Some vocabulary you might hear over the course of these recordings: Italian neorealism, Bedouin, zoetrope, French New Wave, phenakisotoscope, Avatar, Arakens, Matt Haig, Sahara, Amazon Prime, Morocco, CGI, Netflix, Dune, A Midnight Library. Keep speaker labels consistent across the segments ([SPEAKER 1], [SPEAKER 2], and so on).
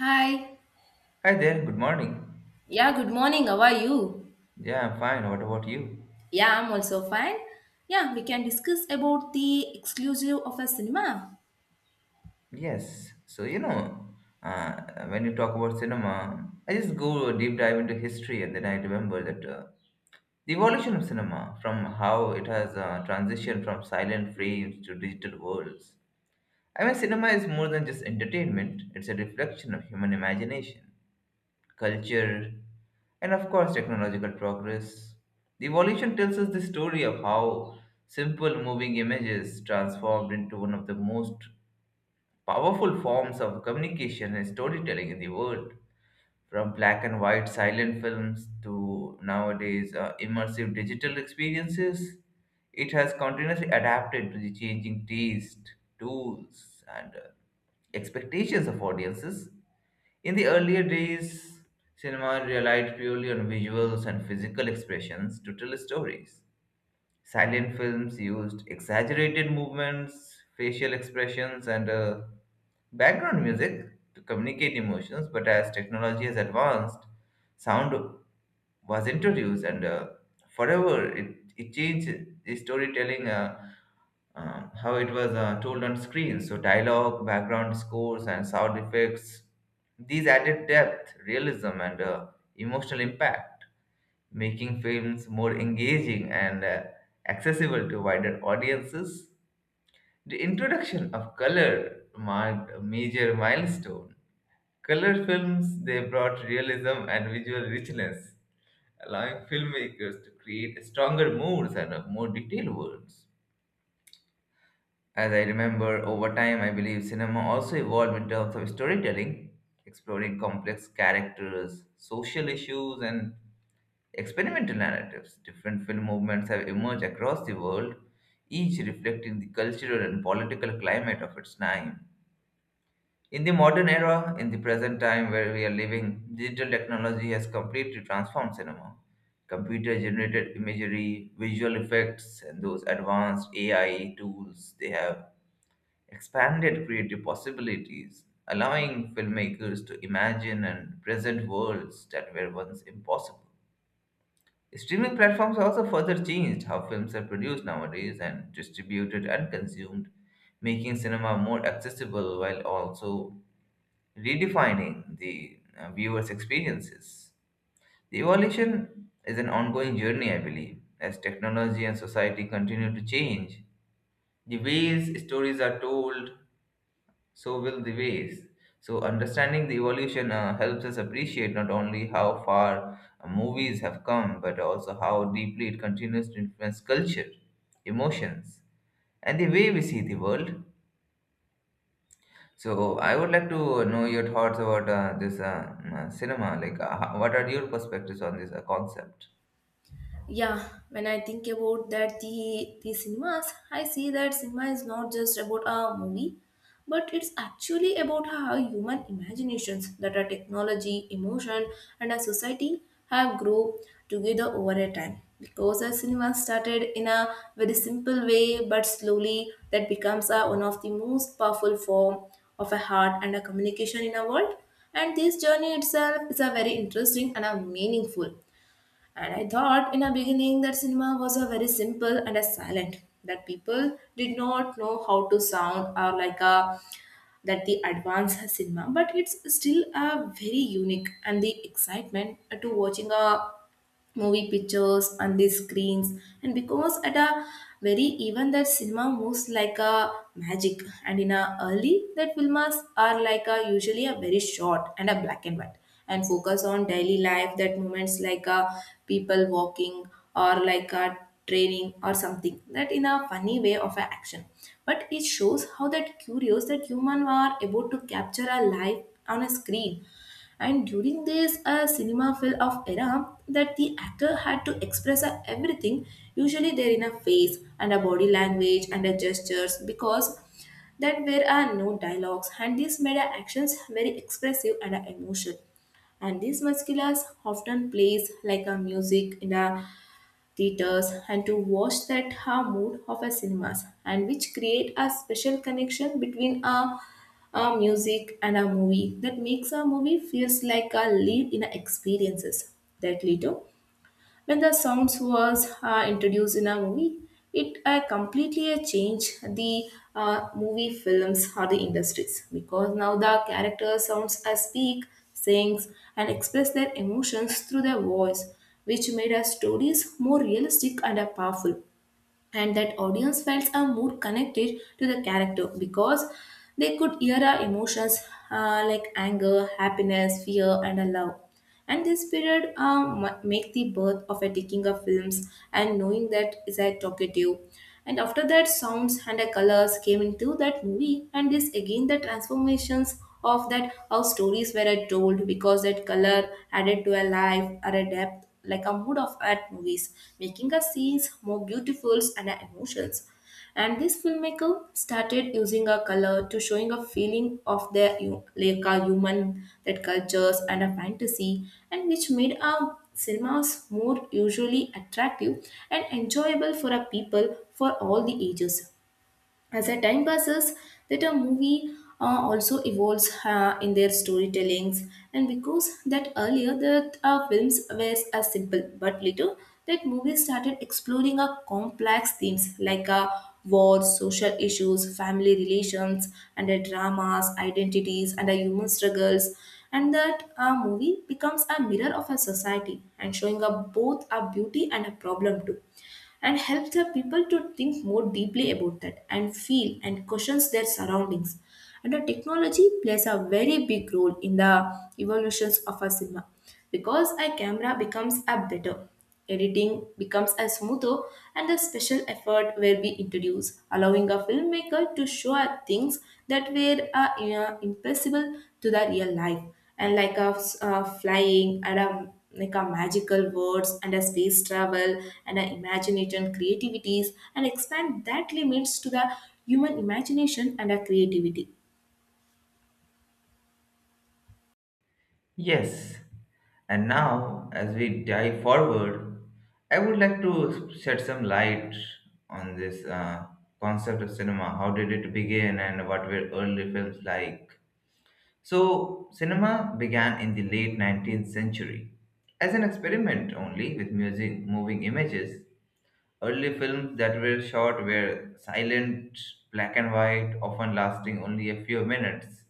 [SPEAKER 1] Hi.
[SPEAKER 2] Hi there, good morning.
[SPEAKER 1] Yeah, good morning. How are you?
[SPEAKER 2] Yeah, I'm fine. What about you?
[SPEAKER 1] Yeah, I'm also fine. Yeah, we can discuss about the exclusive of a cinema.
[SPEAKER 2] Yes. So, uh, when you talk about cinema, I just go a deep dive into history and then I remember that the evolution of cinema, from how it has transitioned from silent frames to digital worlds. I mean, cinema is more than just entertainment, it's a reflection of human imagination, culture, and of course, technological progress. The evolution tells us the story of how simple moving images transformed into one of the most powerful forms of communication and storytelling in the world. From black and white silent films to nowadays immersive digital experiences, it has continuously adapted to the changing taste, tools, and expectations of audiences. In the earlier days, cinema relied purely on visuals and physical expressions to tell stories. Silent films used exaggerated movements, facial expressions, and background music to communicate emotions, but as technology has advanced, sound was introduced and forever it changed the storytelling, how it was told on screen. So dialogue, background scores, and sound effects, these added depth, realism, and emotional impact, making films more engaging and accessible to wider audiences. The introduction of color marked a major milestone. Color films, they brought realism and visual richness, allowing filmmakers to create stronger moods and more detailed words. As I remember, over time, I believe cinema also evolved in terms of storytelling, exploring complex characters, social issues, and experimental narratives. Different film movements have emerged across the world, each reflecting the cultural and political climate of its time. In the modern era, in the present time where we are living, digital technology has completely transformed cinema. Computer generated imagery, visual effects, and those advanced AI tools, they have expanded creative possibilities, allowing filmmakers to imagine and present worlds that were once impossible. Streaming platforms also further changed how films are produced nowadays and distributed and consumed, making cinema more accessible while also redefining the viewer's experiences. The evolution is an ongoing journey, I believe. As technology and society continue to change, the ways stories are told, so will the ways. So, understanding the evolution helps us appreciate not only how far movies have come, but also how deeply it continues to influence culture, emotions, and the way we see the world. So I would like to know your thoughts about this cinema. What are your perspectives on this concept?
[SPEAKER 1] Yeah, when I think about that the cinemas, I see that cinema is not just about a movie, but it's actually about how human imaginations, that our technology, emotion, and our society have grown together over a time, because our cinema started in a very simple way, but slowly that becomes a, one of the most powerful form of a heart and a communication in our world, and this journey itself is a very interesting and a meaningful. And I thought in a beginning that cinema was a very simple and a silent, that people did not know how to sound or like a that the advanced cinema, but it's still a very unique and the excitement to watching a movie pictures and the screens. And because at a very even that cinema moves like a magic, and in a early that films are like a usually a very short and a black and white, and focus on daily life that moments like a people walking or like a training or something that in a funny way of a action, but it shows how that curious that human are able to capture a life on a screen. And during this a cinema film of era, that the actor had to express everything, usually there in a face and a body language and a gestures, because that there are no dialogues, and this made our actions very expressive and emotional. And these musculars often plays like a music in a theaters and to watch that ha mood of a cinemas, and which create a special connection between a music and a movie, that makes a movie feels like a live in a experiences. That later, when the sounds was introduced in a movie, it completely changed the movie films or the industries, because now the character sounds speak, sings, and express their emotions through their voice, which made our stories more realistic and powerful. And that audience felt a more connected to the character because they could hear our emotions like anger, happiness, fear, and a love. And this period make the birth of a taking of films and knowing that is a talkative. And after that, sounds and the colors came into that movie, and this again the transformations of that how stories were told, because that color added to a life or a depth like a mood of art movies, making us scenes more beautiful and emotions. And this filmmaker started using a color to showing a feeling of their like a human that cultures and a fantasy, and which made our cinemas more usually attractive and enjoyable for our people for all the ages. As the time passes, that a movie also evolves in their storytellings, and because that earlier that films were as simple, but later that movies started exploring a complex themes like wars, social issues, family relations, and the dramas, identities, and the human struggles. And that a movie becomes a mirror of a society and showing up both a beauty and a problem too, and helps the people to think more deeply about that and feel and questions their surroundings. And the technology plays a very big role in the evolutions of a cinema, because a camera becomes a better, editing becomes a smoother, and the special effort will be introduced, allowing a filmmaker to show us things that were impossible to the real life, and like a, a flying and a like a magical words and a space travel and a imagination creativities, and expand that limits to the human imagination and a creativity.
[SPEAKER 2] Yes. And now, as we dive forward, I would like to shed some light on this concept of cinema. How did it begin, and what were early films like? So, cinema began in the late 19th century as an experiment only with music, moving images. Early films that were shot were silent, black and white, often lasting only a few minutes.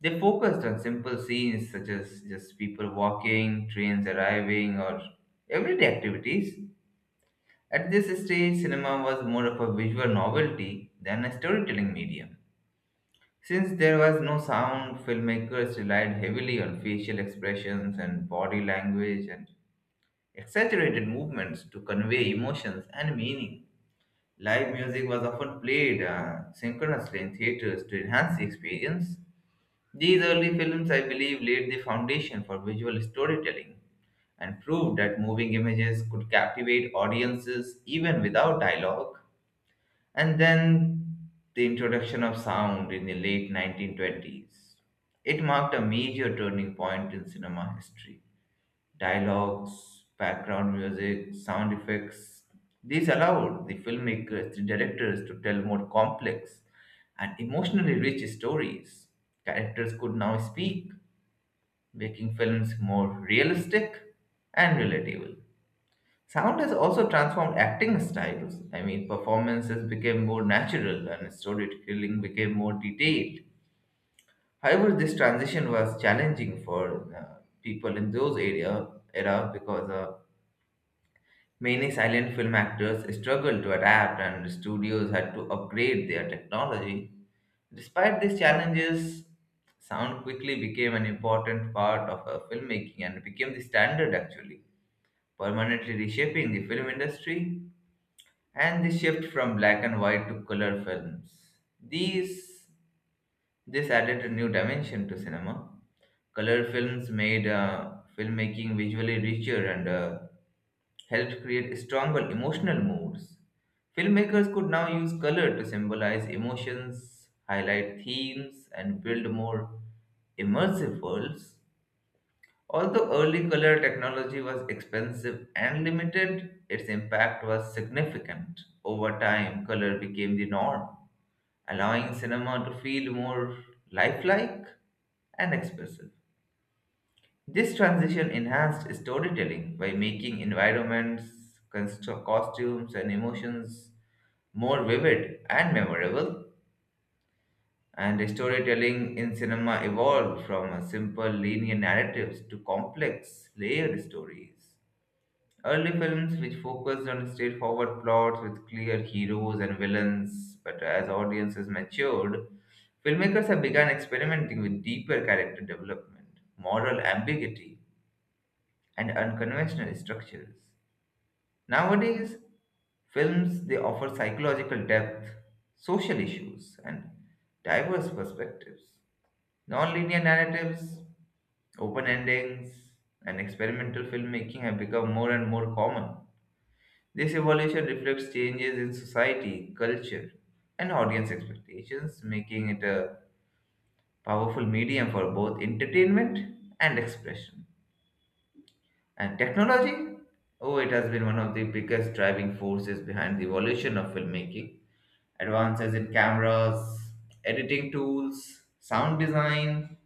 [SPEAKER 2] They focused on simple scenes such as just people walking, trains arriving, or everyday activities. At this stage, cinema was more of a visual novelty than a storytelling medium. Since there was no sound, filmmakers relied heavily on facial expressions and body language and exaggerated movements to convey emotions and meaning. Live music was often played synchronously in theaters to enhance the experience. These early films, I believe, laid the foundation for visual storytelling and proved that moving images could captivate audiences even without dialogue. And then the introduction of sound in the late 1920s. It marked a major turning point in cinema history. Dialogues, background music, sound effects. These allowed the filmmakers, the directors, to tell more complex and emotionally rich stories. Characters could now speak, making films more realistic and relatable. Sound has also transformed acting styles. I mean, performances became more natural and storytelling became more detailed. However, this transition was challenging for people in those area era, because many silent film actors struggled to adapt, and studios had to upgrade their technology. Despite these challenges, sound quickly became an important part of filmmaking and became the standard, actually, permanently reshaping the film industry. And the shift from black and white to color films, These this added a new dimension to cinema. Color films made filmmaking visually richer and helped create stronger emotional moods. Filmmakers could now use color to symbolize emotions, highlight themes, and build more immersive worlds. Although early color technology was expensive and limited, its impact was significant. Over time, color became the norm, allowing cinema to feel more lifelike and expressive. This transition enhanced storytelling by making environments, costumes, and emotions more vivid and memorable. And storytelling in cinema evolved from a simple linear narratives to complex, layered stories. Early films, which focused on straightforward plots with clear heroes and villains, but as audiences matured, filmmakers have begun experimenting with deeper character development, moral ambiguity, and unconventional structures. Nowadays, films, they offer psychological depth, social issues, and diverse perspectives. Non-linear narratives, open endings, and experimental filmmaking have become more and more common. This evolution reflects changes in society, culture, and audience expectations, making it a powerful medium for both entertainment and expression. And technology? Oh, it has been one of the biggest driving forces behind the evolution of filmmaking. Advances in cameras, editing tools, sound design,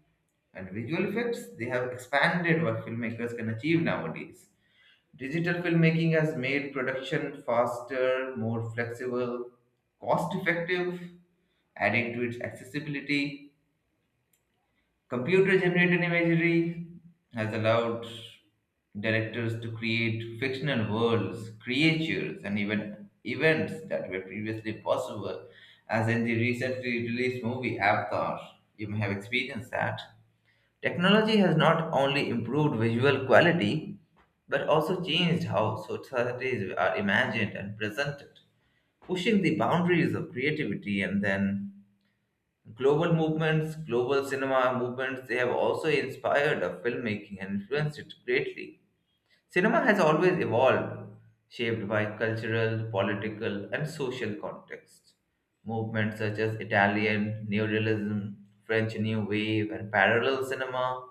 [SPEAKER 2] and visual effects, they have expanded what filmmakers can achieve nowadays. Digital filmmaking has made production faster, more flexible, cost effective, adding to its accessibility. Computer generated imagery has allowed directors to create fictional worlds, creatures, and even events that were previously impossible, as in the recently released movie Avatar. You may have experienced that. Technology has not only improved visual quality but also changed how societies are imagined and presented, pushing the boundaries of creativity. And then global movements, global cinema movements, they have also inspired of filmmaking and influenced it greatly. Cinema has always evolved, shaped by cultural, political, and social context. Movements such as Italian neorealism, French New Wave, and parallel cinema,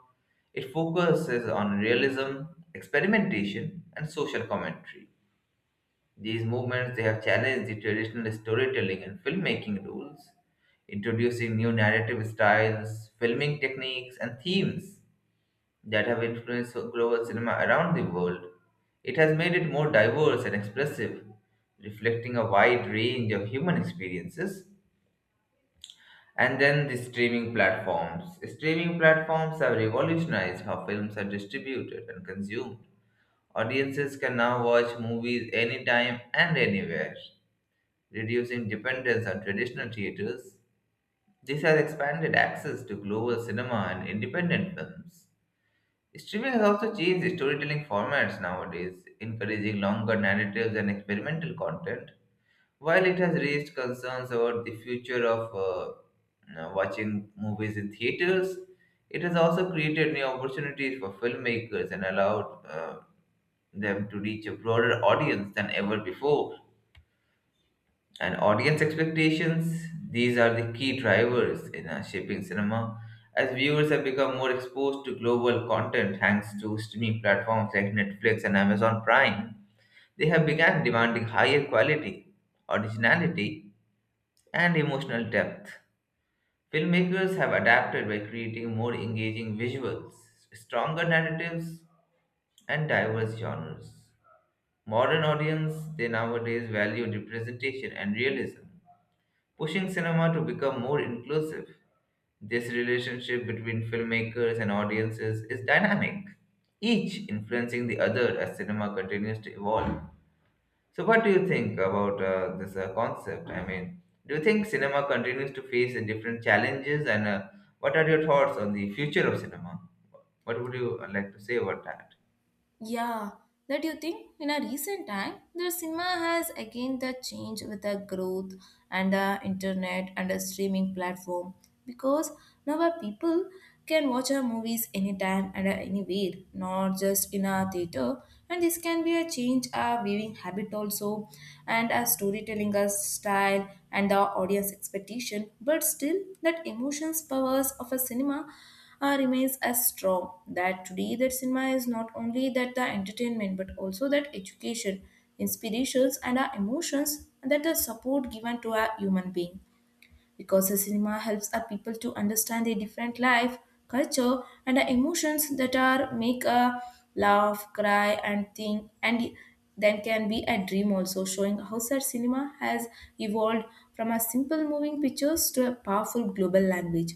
[SPEAKER 2] it focuses on realism, experimentation, and social commentary. These movements, they have challenged the traditional storytelling and filmmaking rules, introducing new narrative styles, filming techniques, and themes that have influenced global cinema around the world. It has made it more diverse and expressive, reflecting a wide range of human experiences. And then the streaming platforms. Streaming platforms have revolutionized how films are distributed and consumed. Audiences can now watch movies anytime and anywhere, reducing dependence on traditional theaters. This has expanded access to global cinema and independent films. Streaming has also changed storytelling formats nowadays, encouraging longer narratives and experimental content. While it has raised concerns about the future of watching movies in theaters, it has also created new opportunities for filmmakers and allowed them to reach a broader audience than ever before. And audience expectations, these are the key drivers in shaping cinema. As viewers have become more exposed to global content thanks to streaming platforms like Netflix and Amazon Prime, they have begun demanding higher quality, originality, and emotional depth. Filmmakers have adapted by creating more engaging visuals, stronger narratives, and diverse genres. Modern audience, they nowadays value representation and realism, pushing cinema to become more inclusive. This relationship between filmmakers and audiences is dynamic, each influencing the other as cinema continues to evolve. So, what do you think about this concept? I mean, do you think cinema continues to face different challenges, and what are your thoughts on the future of cinema? What would you like to say about that?
[SPEAKER 1] Yeah, that you think in a recent time the cinema has again the change with the growth and the internet and the streaming platform, because now our people can watch our movies anytime and anywhere, not just in a theater. And this can be a change our viewing habit also and our storytelling style and the audience expectation, but still that emotions powers of a cinema remains as strong. That today that cinema is not only that the entertainment but also that education, inspirations and our emotions and that the support given to a human being. Because the cinema helps our people to understand their different life, culture and the emotions that are make a laugh, cry and think, and then can be a dream also, showing how such cinema has evolved from a simple moving pictures to a powerful global language.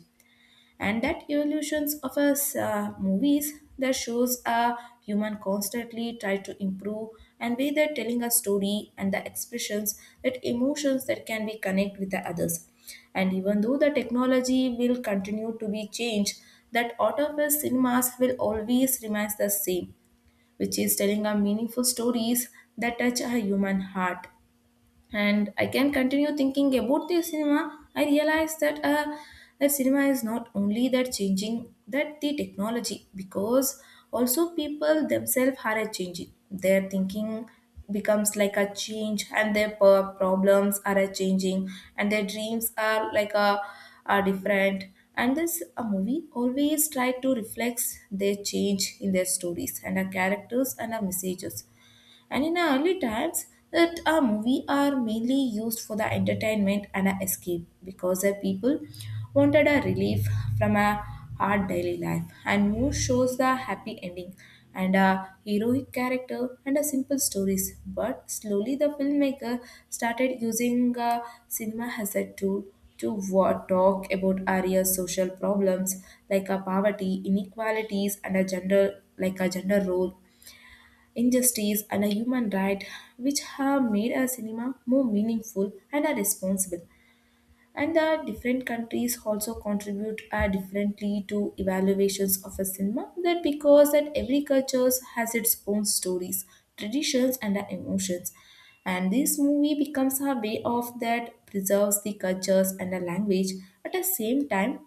[SPEAKER 1] And that evolutions of us movies that shows a human constantly try to improve and way they're telling a story and the expressions that emotions that can be connect with the others. And even though the technology will continue to be changed, that out of us cinemas will always remain the same, which is telling our meaningful stories that touch a human heart. And I can continue thinking about the cinema, I realize that that cinema is not only that changing that the technology, because also people themselves are a changing. Their thinking becomes like a change, and their problems are a changing, and their dreams are like a are different. And this a movie always try to reflect their change in their stories and our characters and our messages. And in our early times, that our movie are mainly used for the entertainment and a escape, because the people wanted a relief from a hard daily life. And most shows the happy ending and a heroic character and a simple stories. But slowly the filmmaker started using cinema as a tool to what talk about area social problems like a poverty, inequalities, and a gender like a gender role, injustice, and a human right, which have made our cinema more meaningful and are responsible. And the different countries also contribute differently to evaluations of a cinema. That because that every culture has its own stories, traditions, and emotions. And this movie becomes a way of that preserves the cultures and the language at the same time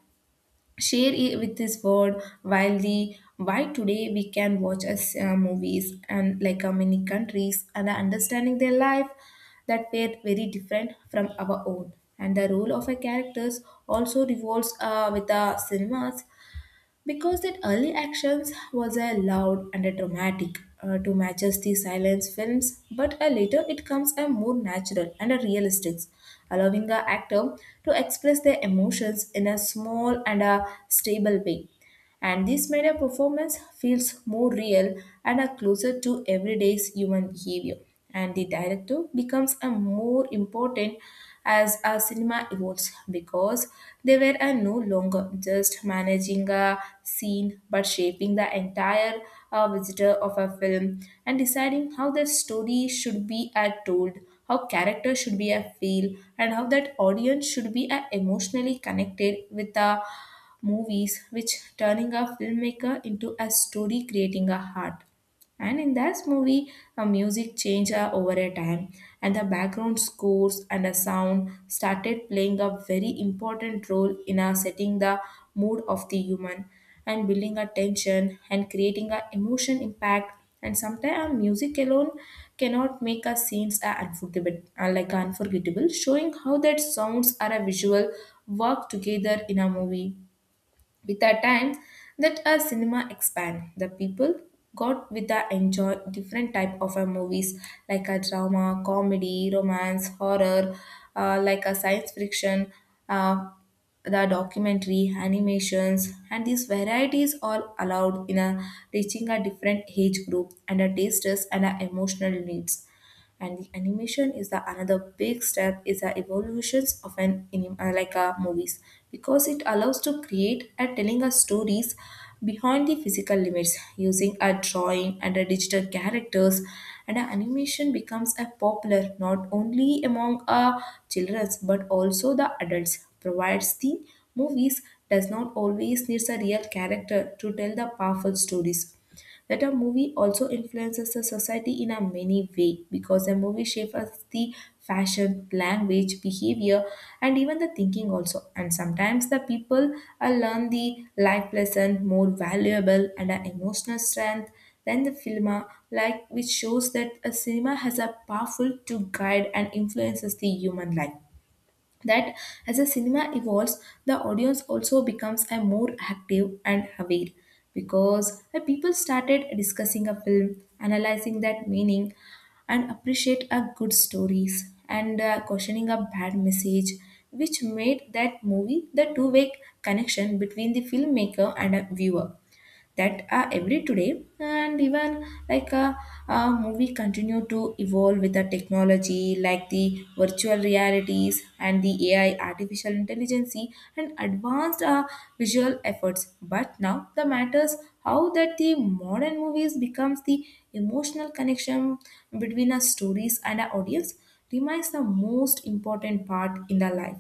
[SPEAKER 1] share it with this world. While the why today we can watch as movies and like many countries and are understanding their life that were very different from our own. And the role of a characters also revolves with the cinemas, because that early actions was a loud and a dramatic to matches the silence films, but a later it comes a more natural and a realistic, allowing the actor to express their emotions in a small and a stable way. And this made a performance feels more real and are closer to everyday's human behavior. And the director becomes a more important as our cinema evolves, because they were no longer just managing a scene but shaping the entire visitor of a film and deciding how the story should be told, how character should be a feel and how that audience should be emotionally connected with the movies, which turning a filmmaker into a story creating a heart. And in this movie, a music changed over a time, and the background scores and the sound started playing a very important role in setting the mood of the human and building a tension and creating a emotion impact. And sometimes music alone cannot make a scenes like unforgettable, showing how that sounds are a visual work together in a movie. With the time that our cinema expand, the people got with the enjoy different type of our movies like a drama, comedy, romance, horror, like a science fiction, uh, the documentary, animations, and these varieties are allowed in a reaching a different age group and a tastes and a emotional needs. And the animation is the another big step is the evolutions of an like a movies, because it allows to create and telling us stories behind the physical limits using a drawing and a digital characters. And a animation becomes a popular not only among children but also the adults, provides the movies does not always needs a real character to tell the powerful stories. That a movie also influences the society in a many way, because a movie shapes the fashion, language, behavior, and even the thinking also. And sometimes the people learn the life lesson more valuable and emotional strength than the film, like which shows that a cinema has a powerful to guide and influences the human life. That as the cinema evolves, the audience also becomes a more active and aware, because the people started discussing a film, analyzing that meaning, and appreciate a good stories and questioning a bad message, which made that movie the two-way connection between the filmmaker and a viewer. That are every today and even a movie continue to evolve with the technology like the virtual realities and the AI artificial intelligence and advanced visual efforts. But now the matters how that the modern movies becomes the emotional connection between our stories and our audience remains the most important part in the life.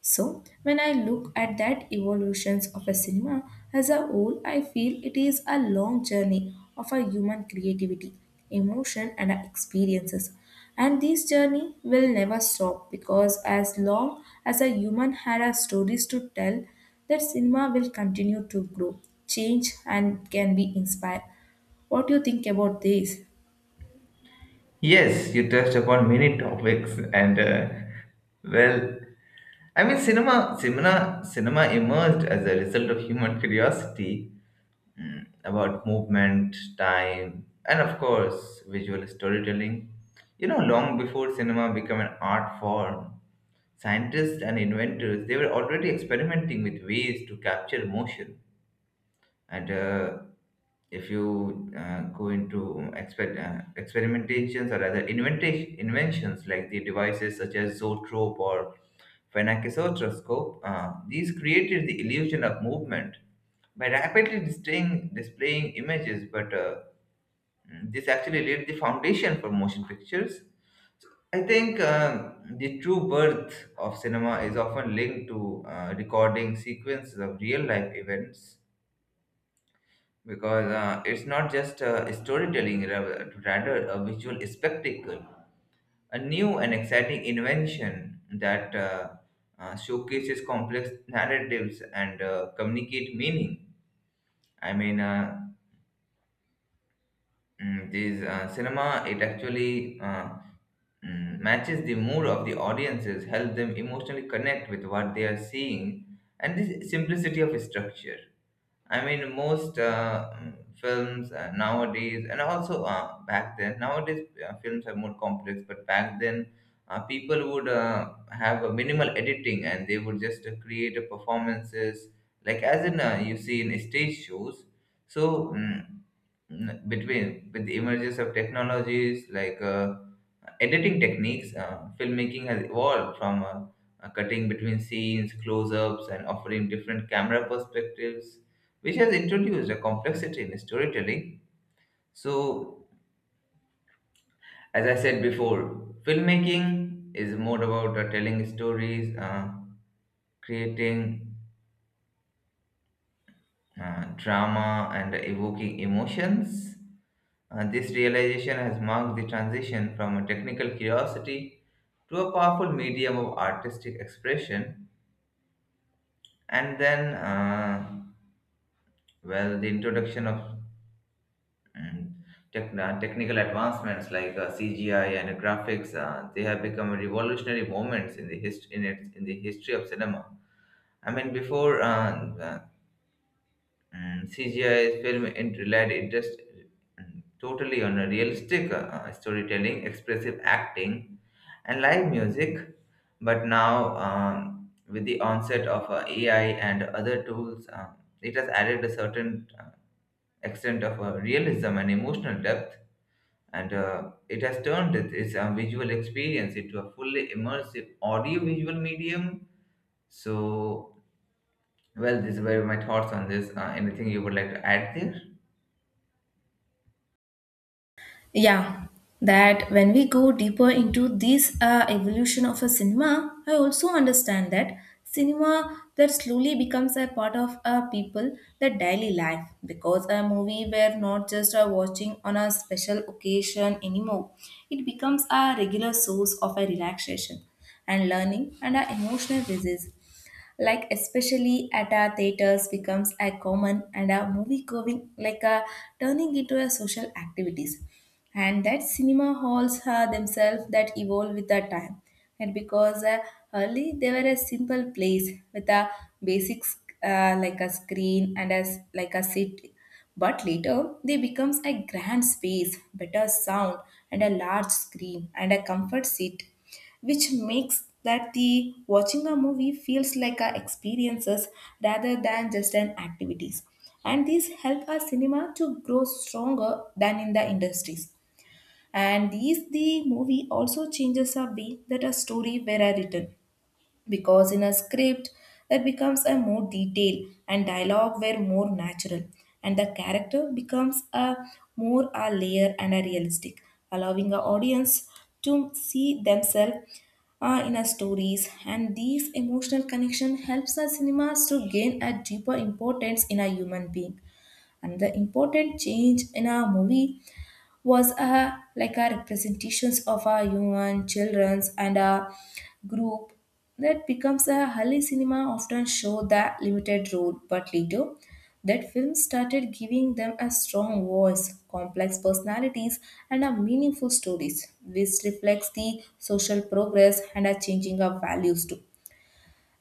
[SPEAKER 1] So, when I look at that evolutions of a cinema as a whole, I feel it is a long journey of a human creativity, emotion and experiences. And this journey will never stop, because as long as a human had a stories to tell, that cinema will continue to grow, change and can be inspired. What do you think about this?
[SPEAKER 2] Yes, you touched upon many topics, and well, I mean, cinema emerged as a result of human curiosity about movement, time, and of course, visual storytelling. You know, long before cinema became an art form, scientists and inventors, they were already experimenting with ways to capture motion, and if you go into experimentations, or rather inventions like the devices such as zoetrope or phenakisotoscope, these created the illusion of movement by rapidly displaying images, but this actually laid the foundation for motion pictures. So I think the true birth of cinema is often linked to recording sequences of real life events, because it's not just storytelling, rather a visual spectacle, a new and exciting invention that showcases complex narratives and communicate meaning. I mean, uh, this cinema, it actually matches the mood of the audiences, help them emotionally connect with what they are seeing, and this simplicity of structure. I mean, most films nowadays, and also back then, nowadays films are more complex, but back then, people would have a minimal editing and they would just create a performances, like as in you see in stage shows. So, between with the emergence of technologies like editing techniques, filmmaking has evolved from cutting between scenes, close-ups, and offering different camera perspectives, which has introduced a complexity in storytelling. So, as I said before, filmmaking is more about telling stories, creating drama and evoking emotions. This realization has marked the transition from a technical curiosity to a powerful medium of artistic expression. And then, well, the introduction of mm, technical advancements like CGI and graphics, they have become revolutionary moments in the hist- in, its in the history of cinema. I mean, before uh, and CGI, film it relied it just totally on a realistic storytelling, expressive acting, and live music. But now, with the onset of AI and other tools, it has added a certain extent of realism and emotional depth, and it has turned its visual experience into a fully immersive audio-visual medium. So, well, these were my thoughts on this. Anything you would like to add there?
[SPEAKER 1] Yeah, that when we go deeper into this evolution of a cinema, I also understand that cinema that slowly becomes a part of a people that daily life, because a movie were not just a watching on a special occasion anymore. It becomes a regular source of a relaxation and learning and a emotional release, like especially at our theaters becomes a common and a movie going like a turning into a social activities. And that cinema halls are themselves that evolve with the time, and because early they were a simple place with a basics like a screen and as like a seat, but later they becomes a grand space, better sound and a large screen and a comfort seat, which makes that the watching a movie feels like a experiences rather than just an activities. And these help our cinema to grow stronger than in the industries. And these the movie also changes our way that a story were written, because in a script that becomes a more detail and dialogue were more natural and the character becomes a more a layer and a realistic, allowing our audience to see themselves in our stories, and these emotional connection helps our cinemas to gain a deeper importance in a human being. And the important change in our movie was a like a representations of our human children's and a group that becomes a Hali cinema often show that limited role, but later that film started giving them a strong voice, complex personalities, and a meaningful stories, which reflects the social progress and are changing of values too.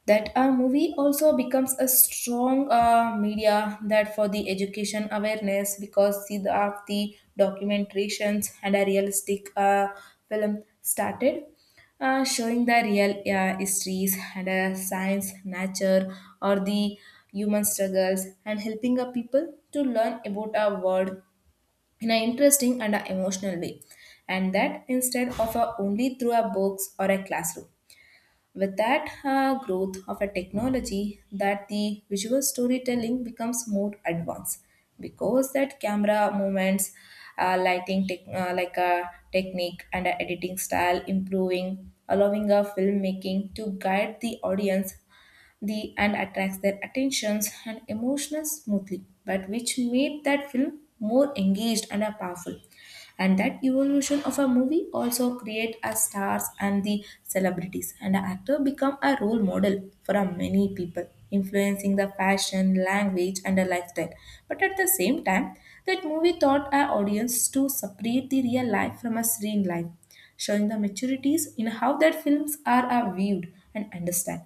[SPEAKER 1] That a movie also becomes a strong media that for the education awareness, because see the of the documentations and a realistic film started showing the real histories and science nature or the human struggles, and helping a people to learn about our world in an interesting and a emotional way, and that instead of a only through a books or a classroom. With that growth of a technology, that the visual storytelling becomes more advanced, because that camera movements, lighting tech like a technique and a editing style improving, allowing a filmmaking to guide the audience the and attracts their attentions and emotions smoothly, but which made that film more engaged and powerful. And that evolution of a movie also create a stars and the celebrities, and an actor become a role model for a many people, influencing the fashion, language, and a lifestyle. But at the same time, that movie taught our audience to separate the real life from a screen life, showing the maturities in how that films are viewed and understand,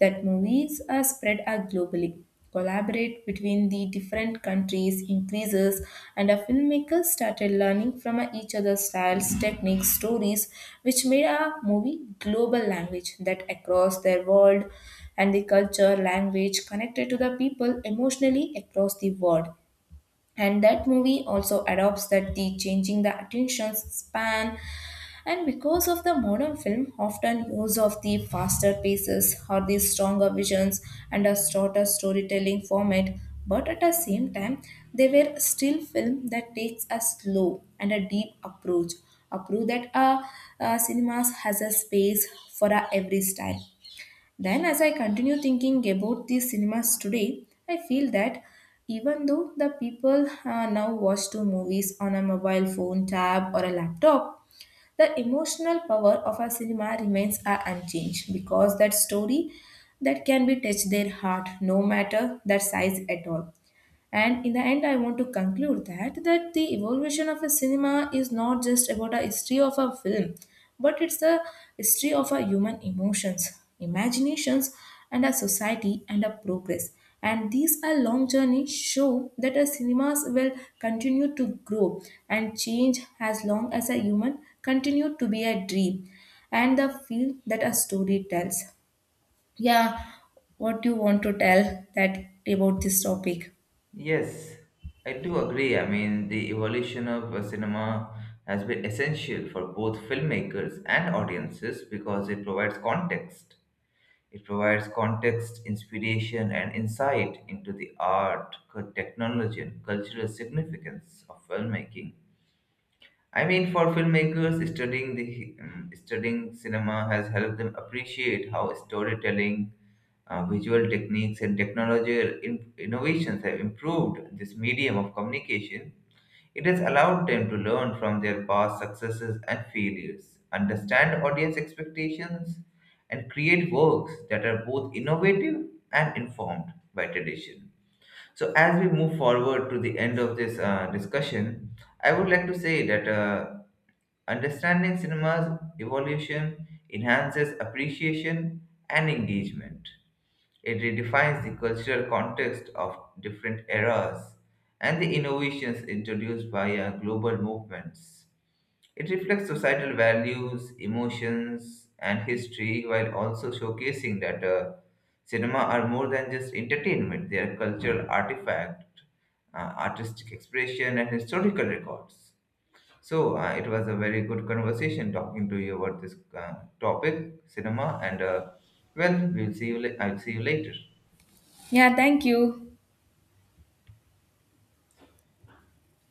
[SPEAKER 1] that movies are spread out globally. Collaborate between the different countries increases, and our filmmakers started learning from each other's styles, techniques, stories, which made our movie global language that across their world, and the culture, language connected to the people emotionally across the world. And that movie also adopts that the changing the attention span, and because of the modern film, often use of the faster paces or the stronger visions and a shorter storytelling format. But at the same time, they were still film that takes a slow and a deep approach that cinemas has a space for every style. Then, as I continue thinking about the cinemas today, I feel that even though the people now watch two movies on a mobile phone, tab, or a laptop, the emotional power of our cinema remains unchanged, because that story that can be touched their heart no matter their size at all. And in the end, I want to conclude that that the evolution of a cinema is not just about a history of a film, but it's the history of our human emotions, imaginations, and a society and a progress. And these are long journey show that our cinemas will continue to grow and change as long as a human continue to be a dream and the feel that a story tells. Yeah, what do you want to tell that about this topic?
[SPEAKER 2] Yes, I do agree. I mean, the evolution of cinema has been essential for both filmmakers and audiences because it provides context. It provides context, inspiration, and insight into the art, technology, and cultural significance of filmmaking. I mean, for filmmakers, studying the studying cinema has helped them appreciate how storytelling, visual techniques, and technological innovations have improved this medium of communication. It has allowed them to learn from their past successes and failures, understand audience expectations, and create works that are both innovative and informed by tradition. So, as we move forward to the end of this discussion, I would like to say that understanding cinema's evolution enhances appreciation and engagement. It redefines the cultural context of different eras and the innovations introduced by global movements. It reflects societal values, emotions, and history while also showcasing that cinema are more than just entertainment, they are cultural artifact, uh, artistic expression, and historical records. So it was a very good conversation talking to you about this topic, cinema, and well, we'll see you. I'll see you later.
[SPEAKER 1] Yeah, thank you.